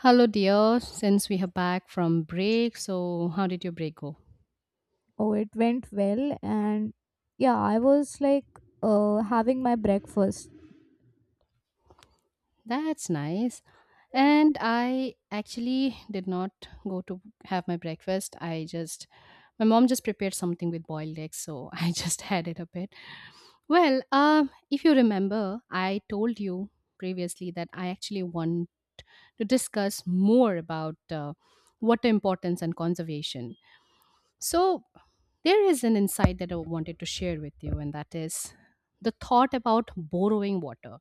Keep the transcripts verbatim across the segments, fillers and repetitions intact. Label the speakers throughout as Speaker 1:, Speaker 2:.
Speaker 1: Hello, dear. Since we are back from break, so how did your break go?
Speaker 2: Oh, it went well, and yeah, I was like uh, having my breakfast.
Speaker 1: That's nice. And I actually did not go to have my breakfast. I just, my mom just prepared something with boiled eggs, so I just had it a bit. Well, um, if you remember, I told you previously that I actually want to discuss more about uh, water importance and conservation. So, there is an insight that I wanted to share with you, and that is the thought about borrowing water,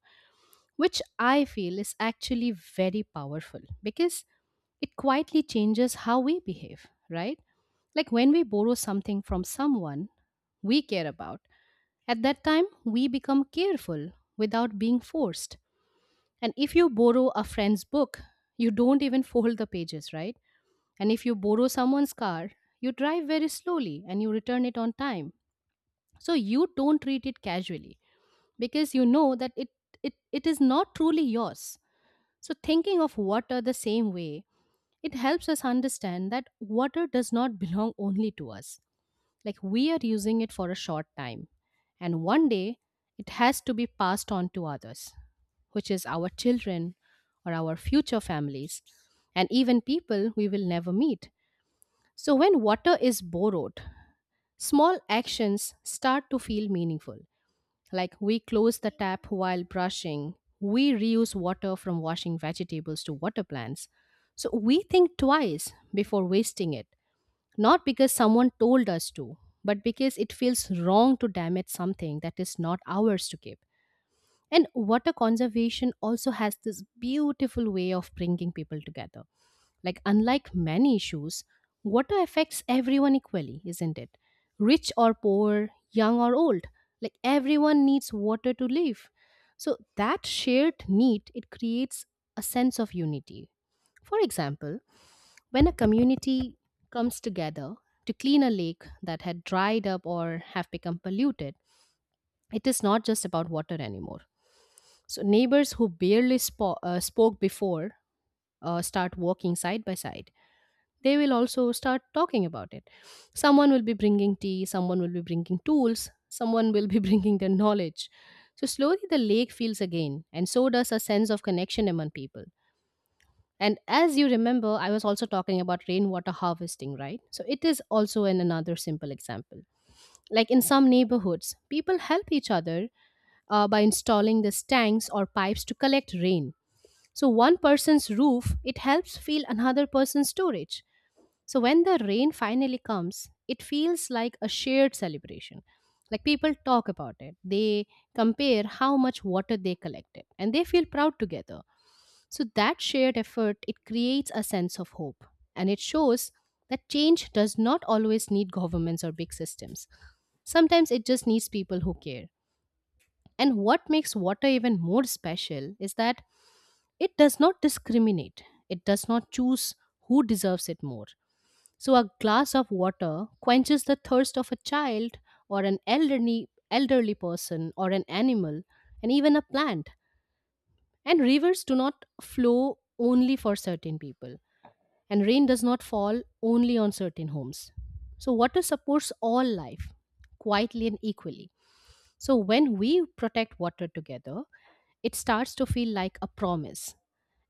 Speaker 1: which I feel is actually very powerful because it quietly changes how we behave, right? Like when we borrow something from someone we care about, at that time we become careful without being forced. And if you borrow a friend's book, you don't even fold the pages, right? And if you borrow someone's car, you drive very slowly and you return it on time so you don't treat it casually because you know that it it, it is not truly yours, so thinking of water the same way, it helps us understand that water does not belong only to us. Like we are using it for a short time, and one day it has to be passed on to others, which is our children or our future families and even people we will never meet. So when water is borrowed, small actions start to feel meaningful, like we close the tap while brushing, we reuse water from washing vegetables to water plants. So we think twice before wasting it, not because someone told us to, but because it feels wrong to damage something that is not ours to keep. And water conservation also has this beautiful way of bringing people together. Like, unlike many issues, water affects everyone equally, isn't it? Rich or poor, young or old, like everyone needs water to live. So that shared need, it creates a sense of unity. For example, when a community comes together to clean a lake that had dried up or have become polluted, it is not just about water anymore. So neighbors who barely spo- uh, spoke before uh, start walking side by side. They will also start talking about it. Someone will be bringing tea, someone will be bringing tools, someone will be bringing their knowledge. So slowly the lake feels again, and so does a sense of connection among people. And as you remember, I was also talking about rainwater harvesting, right? So it is also an another simple example. Like in some neighborhoods, people help each other uh, by installing these tanks or pipes to collect rain. So one person's roof, it helps fill another person's storage. So when the rain finally comes, it feels like a shared celebration. Like people talk about it, they compare how much water they collected, and they feel proud together. So that shared effort, it creates a sense of hope, and it shows that change does not always need governments or big systems. Sometimes it just needs people who care. And what makes water even more special is that it does not discriminate. It does not choose who deserves it more. So a glass of water quenches the thirst of a child or an elderly elderly person or an animal and even a plant. And rivers do not flow only for certain people, and rain does not fall only on certain homes. So water supports all life quietly and equally. So when we protect water together, it starts to feel like a promise.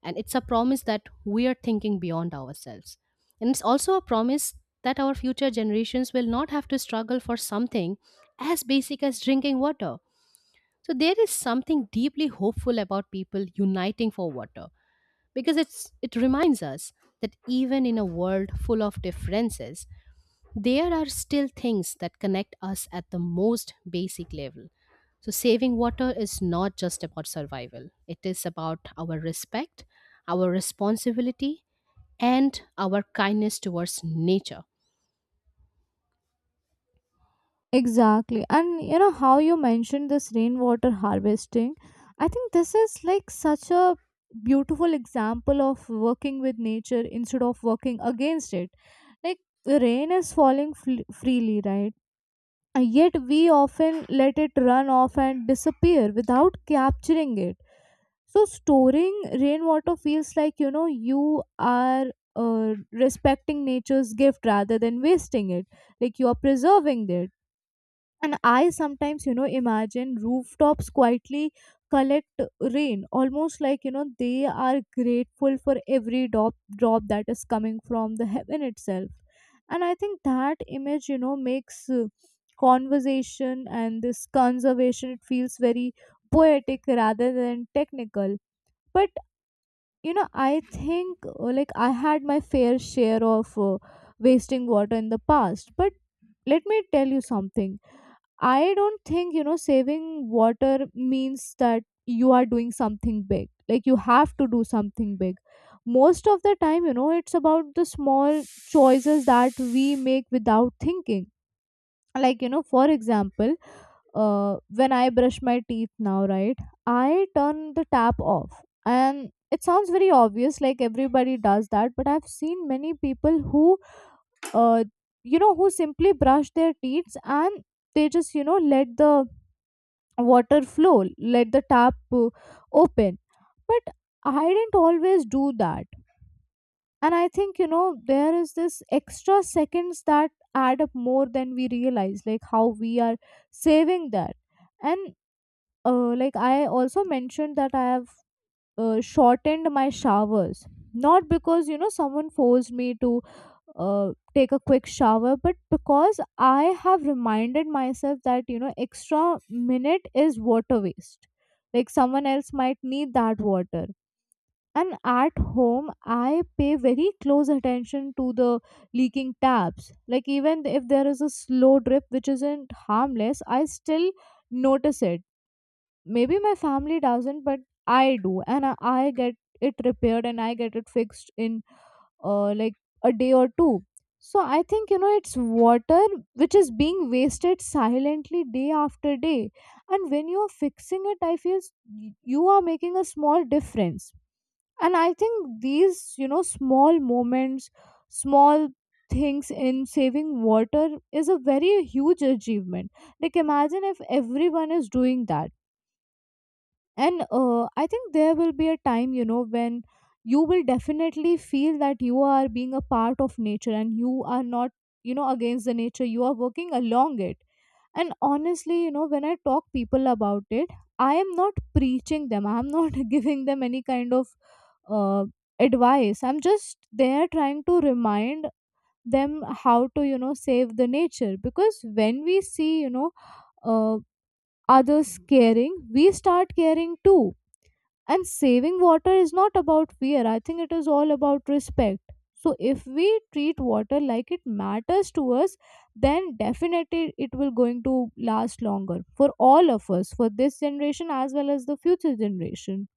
Speaker 1: And it's a promise that we are thinking beyond ourselves. And it's also a promise that our future generations will not have to struggle for something as basic as drinking water. So there is something deeply hopeful about people uniting for water because it's it reminds us that even in a world full of differences, there are still things that connect us at the most basic level. So, saving water is not just about survival, it is about our respect, our responsibility, and our kindness towards nature.
Speaker 2: Exactly. And you know how you mentioned this rainwater harvesting? I think this is like such a beautiful example of working with nature instead of working against it. Like, rain is falling fl- freely, right? Uh, Yet we often let it run off and disappear without capturing it. So storing rainwater feels like you know you are uh, respecting nature's gift rather than wasting it. Like you are preserving it, and I sometimes, you know, imagine rooftops quietly collect rain, almost like, you know, they are grateful for every drop, drop that is coming from the heaven itself. And I think that image, you know, makes uh, conversation and this conservation, it feels very poetic rather than technical. But, you know, I think uh, like I had my fair share of uh, wasting water in the past. But let me tell you something. I don't think, you know, saving water means that you are doing something big. Like you have to do something big. Most of the time, you know, it's about the small choices that we make without thinking. Like, you know, for example, uh, when I brush my teeth now, right, I turn the tap off. And it sounds very obvious, like everybody does that, but I've seen many people who, uh, you know, who simply brush their teeth and they just, you know, let the water flow, let the tap uh, open. But I didn't always do that, and I think, you know, there is this extra seconds that add up more than we realize, like how we are saving that. And uh, like I also mentioned that I have uh, shortened my showers, not because you know someone forced me to uh, take a quick shower, but because I have reminded myself that, you know, extra minute is water waste. Like someone else might need that water. And at home, I pay very close attention to the leaking taps. Like even if there is a slow drip which isn't harmless, I still notice it. Maybe my family doesn't, but i do and i, I get it repaired, and I get it fixed in uh, like a day or two. So I think, you know, it's water which is being wasted silently day after day. And when you're fixing it, I feel s- y- you are making a small difference. And I think these, you know, small moments, small things in saving water is a very huge achievement. Like imagine if everyone is doing that. And uh, I think there will be a time, you know, when you will definitely feel that you are being a part of nature, and you are not, you know, against the nature. You are working along it. And honestly, you know, when I talk people about it, I am not preaching them. I am not giving them any kind of uh, advice. I'm just there trying to remind them how to, you know, save the nature, because when we see, you know, uh, others caring, we start caring too. And saving water is not about fear, I think it is all about respect. So, if we treat water like it matters to us, then definitely it will going to last longer for all of us, for this generation as well as the future generation.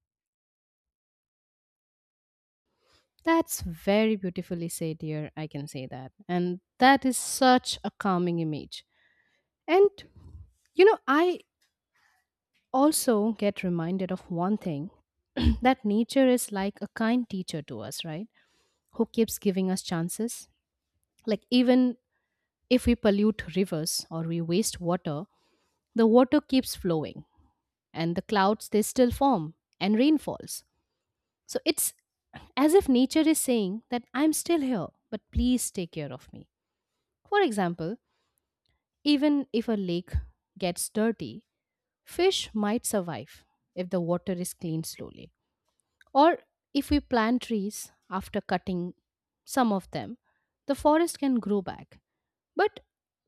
Speaker 1: That's very beautifully said, dear. I can say that. And that is such a calming image. And, you know, I also get reminded of one thing that nature is like a kind teacher to us, right? Who keeps giving us chances. Like, even if we pollute rivers or we waste water, the water keeps flowing, and the clouds, they still form and rain falls. So it's as if nature is saying that I'm still here, but please take care of me. For example, even if a lake gets dirty, fish might survive if the water is cleaned slowly. Or if we plant trees after cutting some of them, the forest can grow back. But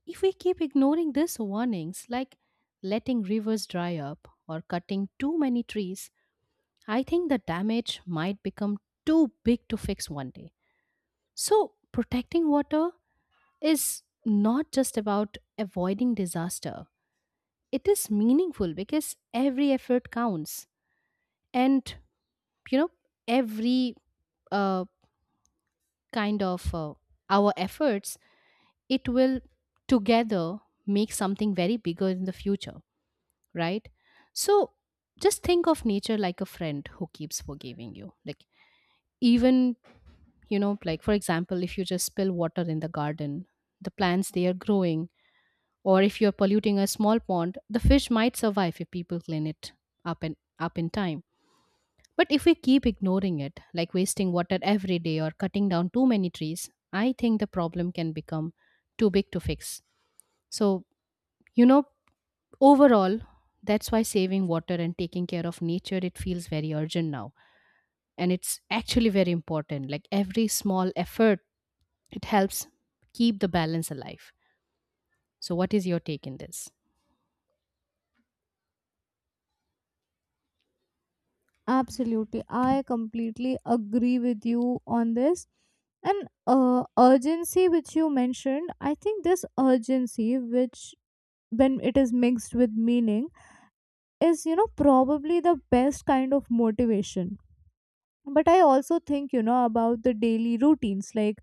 Speaker 1: if we keep ignoring these warnings, like letting rivers dry up or cutting too many trees, I think the damage might become too big to fix one day. So, protecting water is not just about avoiding disaster, it is meaningful because every effort counts. And, you know, every uh, kind of uh, our efforts, it will together make something very bigger in the future, right? So just think of nature like a friend who keeps forgiving you. Like, even, you know, like for example, if you just spill water in the garden, the plants, they are growing. Or if you're polluting a small pond, the fish might survive if people clean it up and up in time. But if we keep ignoring it, like wasting water every day or cutting down too many trees, I think the problem can become too big to fix. So, you know, overall, that's why saving water and taking care of nature, it feels very urgent now, and it's actually very important. Like every small effort, it helps keep the balance alive. So what is your take in this?
Speaker 2: Absolutely, I completely agree with you on this. And uh, urgency, which you mentioned, I think this urgency, which when it is mixed with meaning, is you know probably the best kind of motivation. But I also think, you know, about the daily routines, like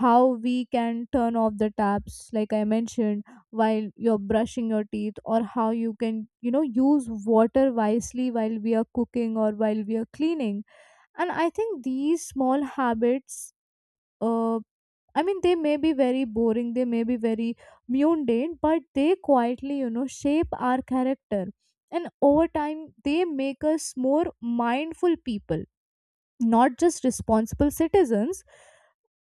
Speaker 2: how we can turn off the taps, like I mentioned, while you're brushing your teeth, or how you can, you know, use water wisely while we are cooking or while we are cleaning. And I think these small habits, uh I mean, they may be very boring, they may be very mundane, but they quietly, you know, shape our character, and over time they make us more mindful people, not just responsible citizens.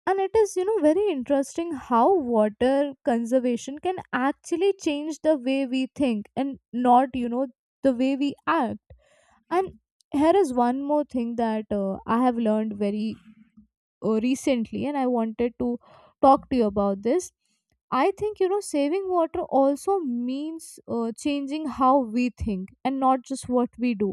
Speaker 2: And it is, you know, very interesting how water conservation can actually change the way we think, and not, you know, the way we act. And here is one more thing that uh, I have learned very uh, recently, and I wanted to talk to you about this. I think, you know, saving water also means uh, changing how we think, and not just what we do.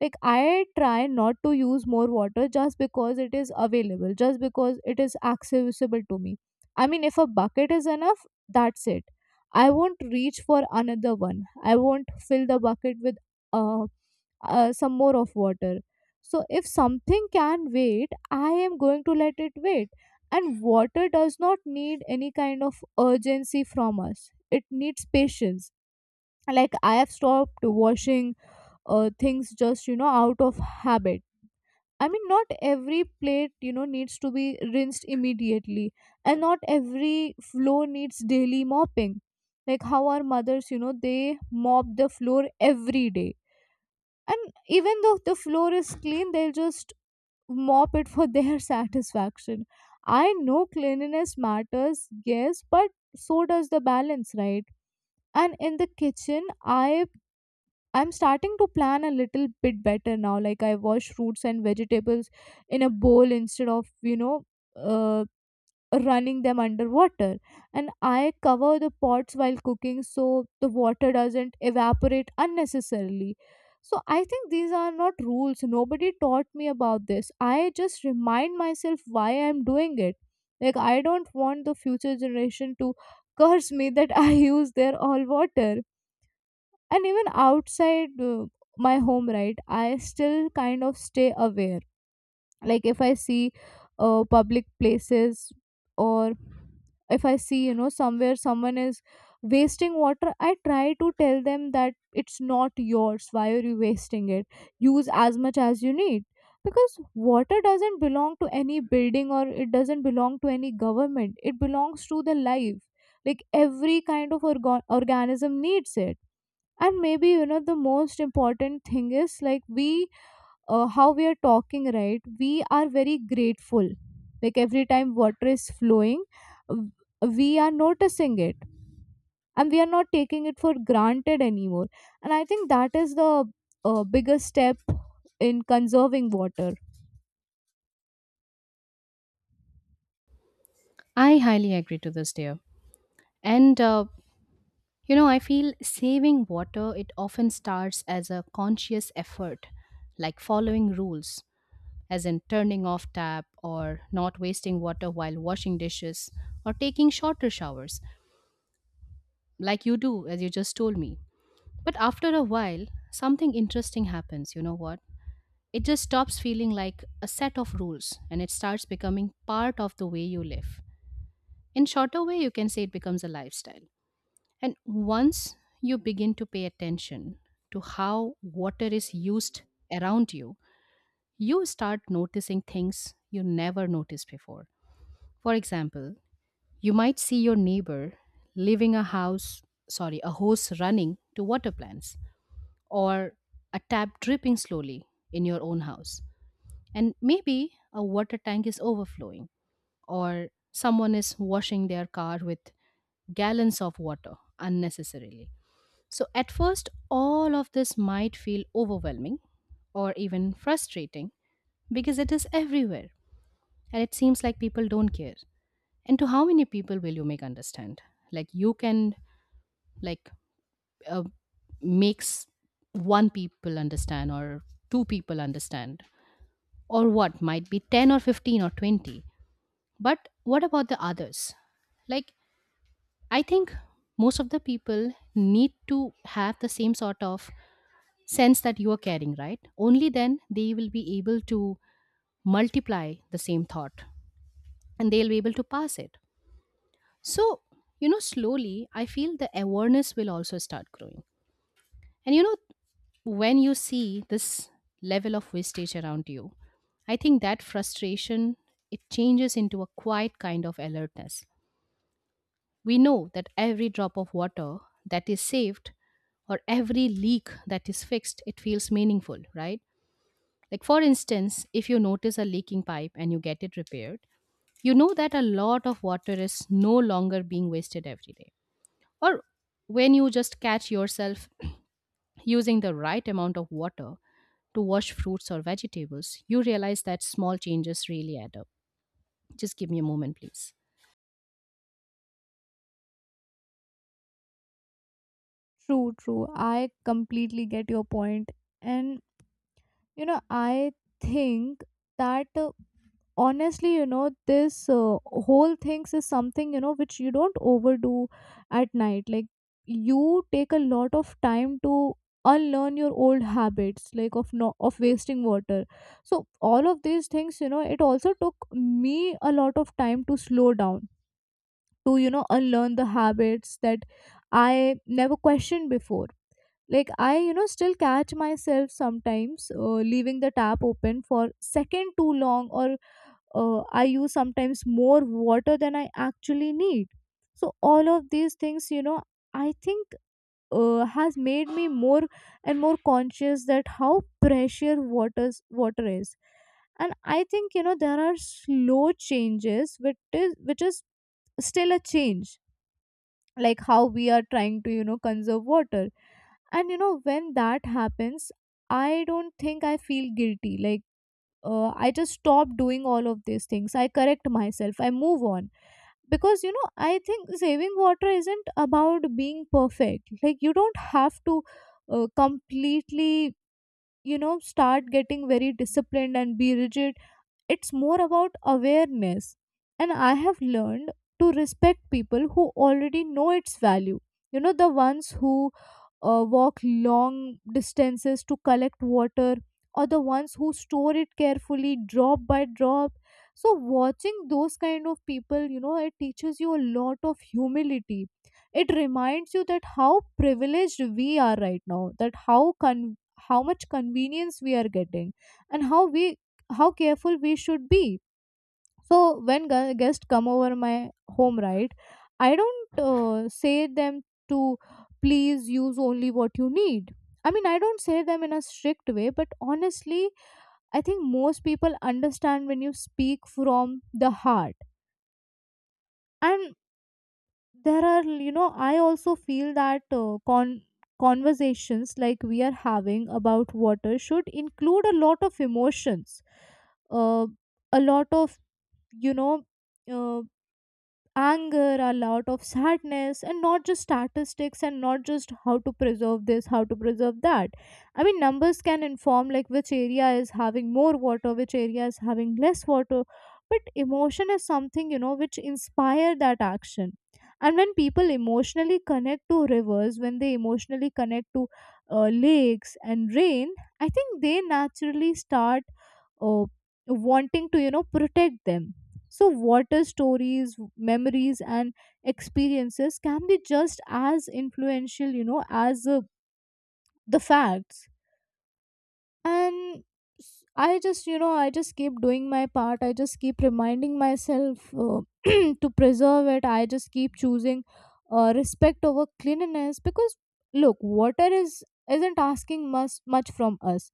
Speaker 2: Like I try not to use more water just because it is available, just because it is accessible to me. I mean, if a bucket is enough, that's it. I won't reach for another one. I won't fill the bucket with uh, uh some more of water. So if something can wait, I am going to let it wait. And water does not need any kind of urgency from us. It needs patience. Like I have stopped washing uh, things just, you know, out of habit. I mean, not every plate, you know, needs to be rinsed immediately, and not every floor needs daily mopping. Like how our mothers, you know, they mop the floor every day, and even though the floor is clean, they'll just mop it for their satisfaction. I know cleanliness matters, yes, but so does the balance, right? And in the kitchen, I I'm starting to plan a little bit better now. Like I wash fruits and vegetables in a bowl instead of, you know, uh, running them underwater. And I cover the pots while cooking so the water doesn't evaporate unnecessarily. So I think these are not rules. Nobody taught me about this. I just remind myself why I'm doing it. Like I don't want the future generation to curse me that I use their all water. And even outside uh, my home, right, I still kind of stay aware. Like if I see uh, public places, or if I see, you know, somewhere someone is wasting water, I try to tell them that it's not yours, why are you wasting it? Use as much as you need. Because water doesn't belong to any building, or it doesn't belong to any government. It belongs to the life. Like every kind of organ- organism needs it. And maybe, you know, the most important thing is like we, uh, how we are talking right, we are very grateful. Like every time water is flowing, w- we are noticing it, and we are not taking it for granted anymore. And I think that is the uh, biggest step in conserving water.
Speaker 1: I highly agree to this, dear. And uh, you know, I feel saving water, it often starts as a conscious effort, like following rules, as in turning off tap or not wasting water while washing dishes or taking shorter showers like you do, as you just told me. But after a while, something interesting happens. You know what? It just stops feeling like a set of rules, and it starts becoming part of the way you live. In shorter way, you can say it becomes a lifestyle. And once you begin to pay attention to how water is used around you, you start noticing things you never noticed before. For example, you might see your neighbor leaving a house, sorry, a hose running to water plants, or a tap dripping slowly in your own house. And maybe a water tank is overflowing, or someone is washing their car with gallons of water unnecessarily. So, at first, all of this might feel overwhelming or even frustrating because it is everywhere, and it seems like people don't care. And to how many people will you make understand? Like, you can, like, uh, makes one people understand, or two people understand, or what might be ten or fifteen or twenty, but what about the others? Like, I think most of the people need to have the same sort of sense that you are carrying, right? Only then they will be able to multiply the same thought, and they'll be able to pass it. So, you know, slowly I feel the awareness will also start growing. And you know, when you see this level of wastage around you, I think that frustration, it changes into a quiet kind of alertness. We know that every drop of water that is saved or every leak that is fixed, it feels meaningful, right? Like for instance, if you notice a leaking pipe and you get it repaired, you know that a lot of water is no longer being wasted every day. Or when you just catch yourself using the right amount of water to wash fruits or vegetables, you realize that small changes really add up. Just give me a moment, please.
Speaker 2: True, true. I completely get your point. And, you know, I think that uh, honestly, you know, this uh, whole things is something, you know, which you don't overdo at night. Like you take a lot of time to unlearn your old habits, like of no of wasting water. So all of these things, you know, it also took me a lot of time to slow down, to you know unlearn the habits that I never questioned before. Like I, you know, still catch myself sometimes uh, leaving the tap open for second too long, or uh, I use sometimes more water than I actually need. So all of these things, you know, I think uh, has made me more and more conscious that how precious water's water is. And I think, you know, there are slow changes, which is which is still a change, like how we are trying to, you know, conserve water. And you know when that happens, I don't think I feel guilty. Like uh, I just stop doing all of these things. I correct myself. I move on. Because, you know, I think saving water isn't about being perfect. Like, you don't have to uh, completely, you know, start getting very disciplined and be rigid. It's more about awareness. And I have learned to respect people who already know its value. You know, the ones who uh, walk long distances to collect water, or the ones who store it carefully, drop by drop. So, watching those kind of people, you know, it teaches you a lot of humility. It reminds you that how privileged we are right now, that how con- how much convenience we are getting, and how we how careful we should be. So when gu- guests come over my home, right, I don't uh, say them to please use only what you need. I mean, I don't say them in a strict way, but honestly, I think most people understand when you speak from the heart. And there are, you know, I also feel that uh, con- conversations like we are having about water should include a lot of emotions, uh, a lot of, you know uh, anger, a lot of sadness, and not just statistics and not just how to preserve this, how to preserve that. I mean, numbers can inform like which area is having more water, which area is having less water, but emotion is something, you know, which inspire that action. And when people emotionally connect to rivers, when they emotionally connect to uh, lakes and rain, I think they naturally start uh, wanting to, you know, protect them. So water stories, memories, and experiences can be just as influential, you know, as uh, the facts. And s- I just, you know, I just keep doing my part. I just keep reminding myself uh, to preserve it. I just keep choosing uh, respect over cleanliness, because look, water is isn't asking much much from us.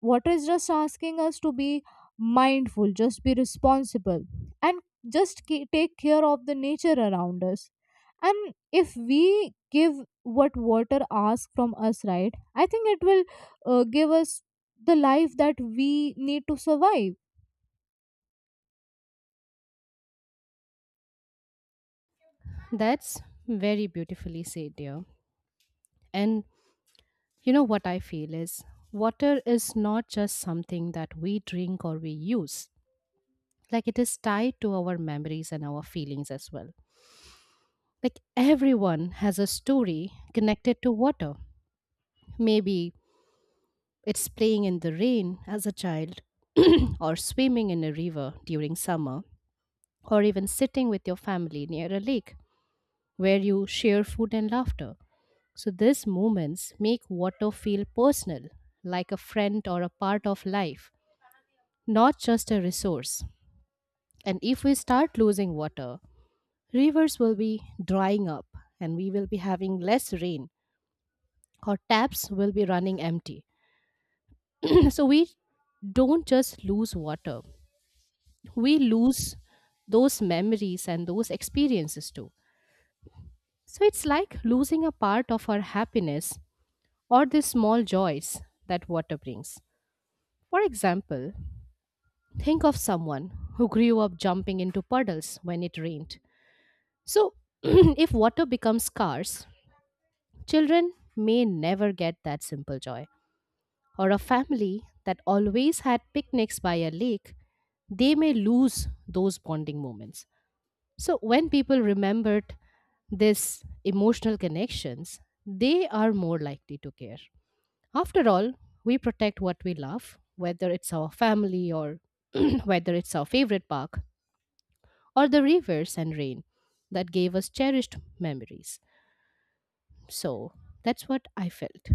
Speaker 2: Water is just asking us to be mindful, just be responsible, and just ca- take care of the nature around us. And if we give what water asks from us, right, I think it will uh, give us the life that we need to survive.
Speaker 1: That's very beautifully said, dear. And you know what I feel is water is not just something that we drink or we use, like, it is tied to our memories and our feelings as well. Like, everyone has a story connected to water. Maybe it's playing in the rain as a child, or swimming in a river during summer, or even sitting with your family near a lake where you share food and laughter. So, these moments make water feel personal, like a friend or a part of life, not just a resource. And if we start losing water, rivers will be drying up, and we will be having less rain, or taps will be running empty. So, we don't just lose water, we lose those memories and those experiences too. So it's like losing a part of our happiness, or the small joys that water brings. For example, think of someone who grew up jumping into puddles when it rained. So, if water becomes scarce, children may never get that simple joy. Or a family that always had picnics by a lake, they may lose those bonding moments. So, when people remembered these emotional connections, they are more likely to care. After all, we protect what we love, whether it's our family or whether it's our favorite park, or the rivers and rain that gave us cherished memories. So that's what I felt.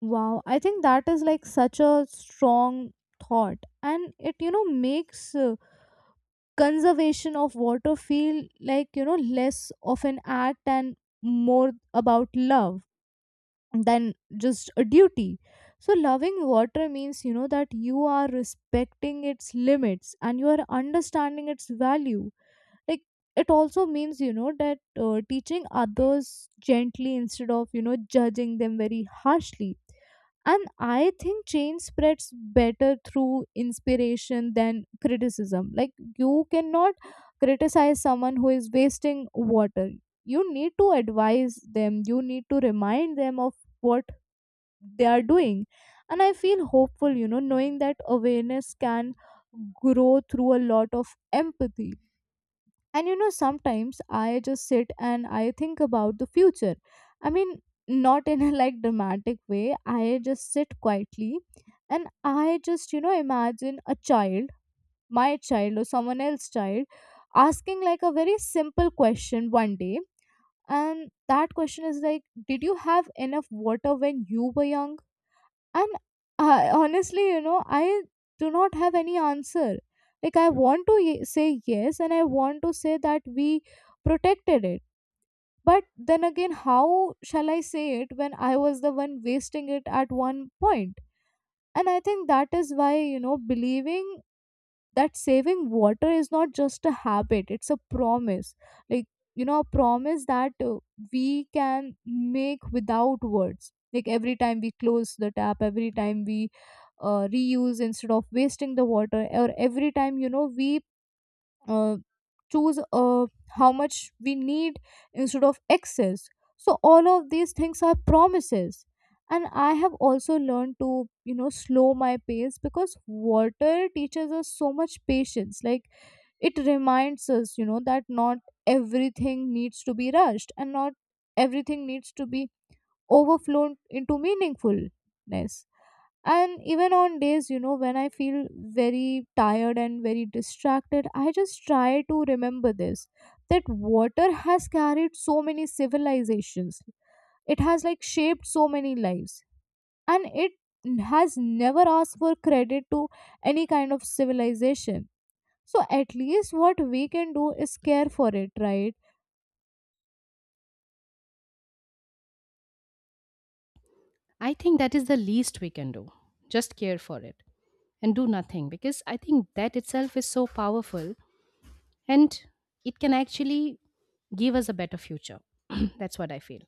Speaker 2: Wow, I think that is like such a strong thought, and it, you know, makes uh, conservation of water feel like, you know, less of an act and more about love than just a duty. So loving water means, you know, that you are respecting its limits and you are understanding its value. Like, it also means, you know, that uh, teaching others gently instead of, you know, judging them very harshly. And I think change spreads better through inspiration than criticism. Like, you cannot criticize someone who is wasting water. You need to advise them, you need to remind them of what they are doing. And I feel hopeful, you know, knowing that awareness can grow through a lot of empathy. And you know, sometimes I just sit and I think about the future. I mean, not in a like dramatic way. I just sit quietly and I just, you know, imagine a child, my child or someone else's child, asking like a very simple question one day. And that question is like, did you have enough water when you were young? And I, honestly, you know, I do not have any answer. Like, I want to ye- say yes, and I want to say that we protected it. But then again, how shall I say it when I was the one wasting it at one point point? And I think that is why, you know, believing that saving water is not just a habit, it's a promise. Like, you know, a promise that uh, we can make without words. Like, every time we close the tap, every time we uh, reuse instead of wasting the water, or every time, you know, we uh, choose uh, how much we need instead of excess. So all of these things are promises. And I have also learned to, you know, slow my pace, because water teaches us so much patience. Like, it reminds us, you know, that not everything needs to be rushed, and not everything needs to be overflown into meaningfulness. And even on days, you know, when I feel very tired and very distracted, I just try to remember this, that water has carried so many civilizations, it has like shaped so many lives, and it has never asked for credit to any kind of civilization. So at least what we can do is care for it, right?
Speaker 1: I think that is the least we can do. Just care for it and do nothing, because I think that itself is so powerful, and it can actually give us a better future. That's what I feel.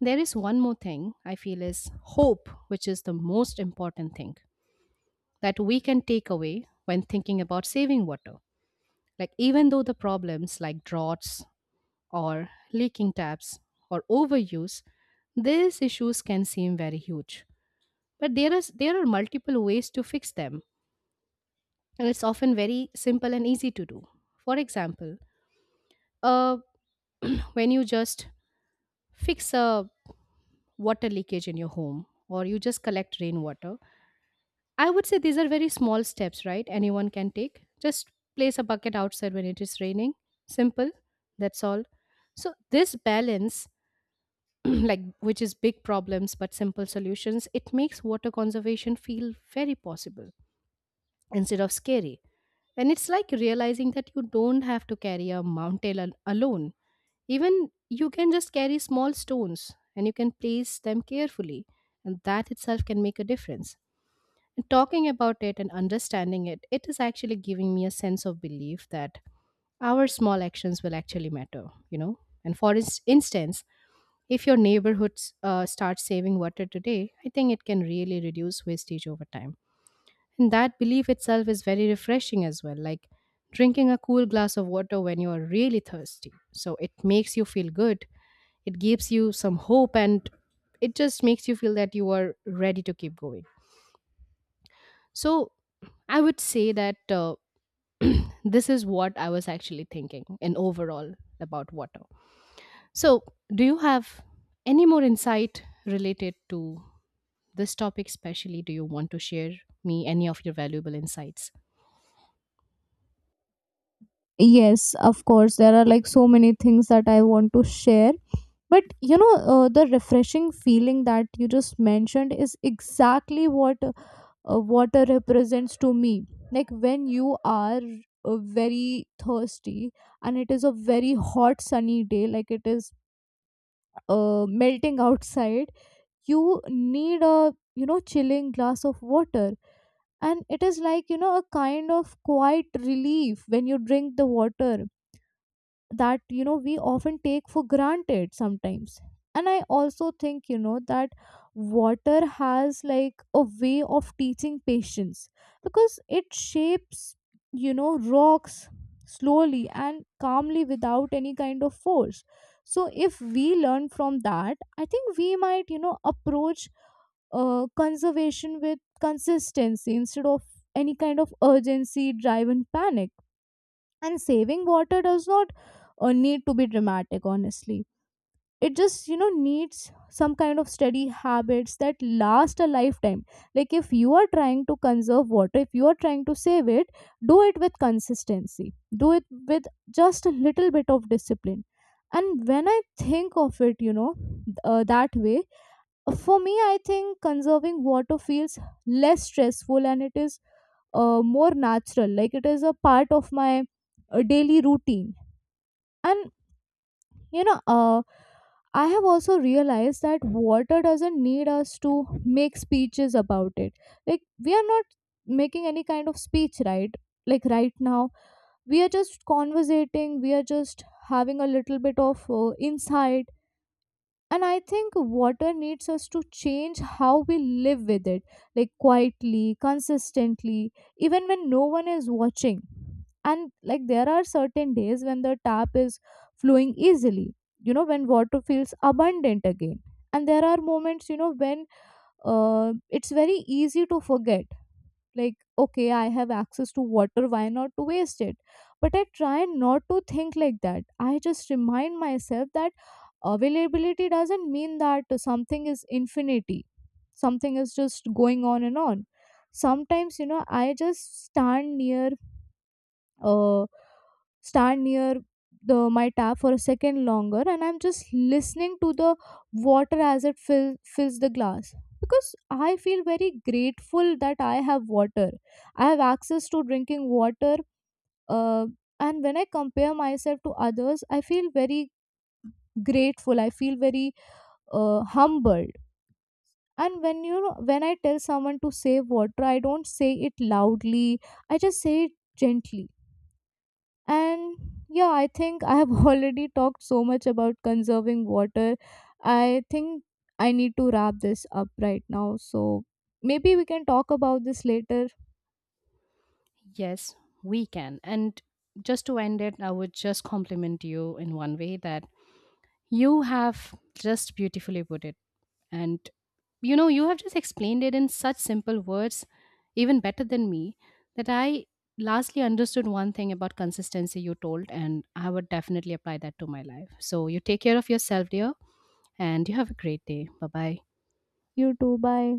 Speaker 1: There is one more thing I feel is hope, which is the most important thing that we can take away when thinking about saving water. Like, even though the problems like droughts or leaking taps or overuse, these issues can seem very huge. But there, is, there are multiple ways to fix them, and it's often very simple and easy to do. For example, uh, when you just fix a water leakage in your home, or you just collect rainwater, I would say these are very small steps, right? Anyone can take. Just place a bucket outside when it is raining. Simple. That's all. So this balance, like which is big problems but simple solutions, it makes water conservation feel very possible instead of scary. And it's like realizing that you don't have to carry a mountain al- alone. Even you can just carry small stones, and you can place them carefully, and that itself can make a difference. Talking about it and understanding it, it is actually giving me a sense of belief that our small actions will actually matter, you know. And for ins- instance, if your neighborhood s- uh, starts saving water today, I think it can really reduce wastage over time. And that belief itself is very refreshing as well, like drinking a cool glass of water when you are really thirsty. So it makes you feel good, it gives you some hope, and it just makes you feel that you are ready to keep going. So I would say that uh, this is what I was actually thinking in overall about water. So, do you have any more insight related to this topic, especially? Do you want to share me any of your valuable insights?
Speaker 2: Yes, of course. There are like so many things that I want to share. But you know, uh, the refreshing feeling that you just mentioned is exactly what uh, water represents to me. Like, when you are uh, very thirsty and it is a very hot sunny day, like it is uh, melting outside, you need a, you know, chilling glass of water, and it is like, you know, a kind of quiet relief when you drink the water that, you know, we often take for granted sometimes. And I also think, you know, that water has like a way of teaching patience, because it shapes, you know, rocks slowly and calmly without any kind of force. So if we learn from that, I think we might, you know, approach uh, conservation with consistency instead of any kind of urgency drive and panic. And saving water does not uh, need to be dramatic, honestly. It just, you know, needs some kind of steady habits that last a lifetime. Like, if you are trying to conserve water, if you are trying to save it, do it with consistency, do it with just a little bit of discipline. And when I think of it, you know, th- uh, that way, for me, I think conserving water feels less stressful, and it is uh, more natural. Like, it is a part of my uh, daily routine. And you know, uh, I have also realized that water doesn't need us to make speeches about it. Like, we are not making any kind of speech, right? Like right now, we are just conversating, we are just having a little bit of uh, insight. And I think water needs us to change how we live with it, like quietly, consistently, even when no one is watching. And like, there are certain days when the tap is flowing easily, you know, when water feels abundant again. And there are moments, you know, when uh, it's very easy to forget, like, okay, I have access to water, why not to waste it. But I try not to think like that. I just remind myself that availability doesn't mean that something is infinity, something is just going on and on. Sometimes, you know, I just stand near uh stand near the my tap for a second longer, and I'm just listening to the water as it fill, fills the glass, because I feel very grateful that I have water, I have access to drinking water. uh, and when I compare myself to others, I feel very grateful, I feel very uh, humbled. And when, you know, when I tell someone to save water, I don't say it loudly, I just say it gently. And yeah, I think I have already talked so much about conserving water. I think I need to wrap this up right now. So maybe we can talk about this later.
Speaker 1: Yes, we can. And just to end it, I would just compliment you in one way that you have just beautifully put it. And you know, you have just explained it in such simple words, even better than me, that I lastly understood one thing about consistency you told, and I would definitely apply that to my life. So you take care of yourself, dear, and you have a great day. Bye bye.
Speaker 2: You too, bye.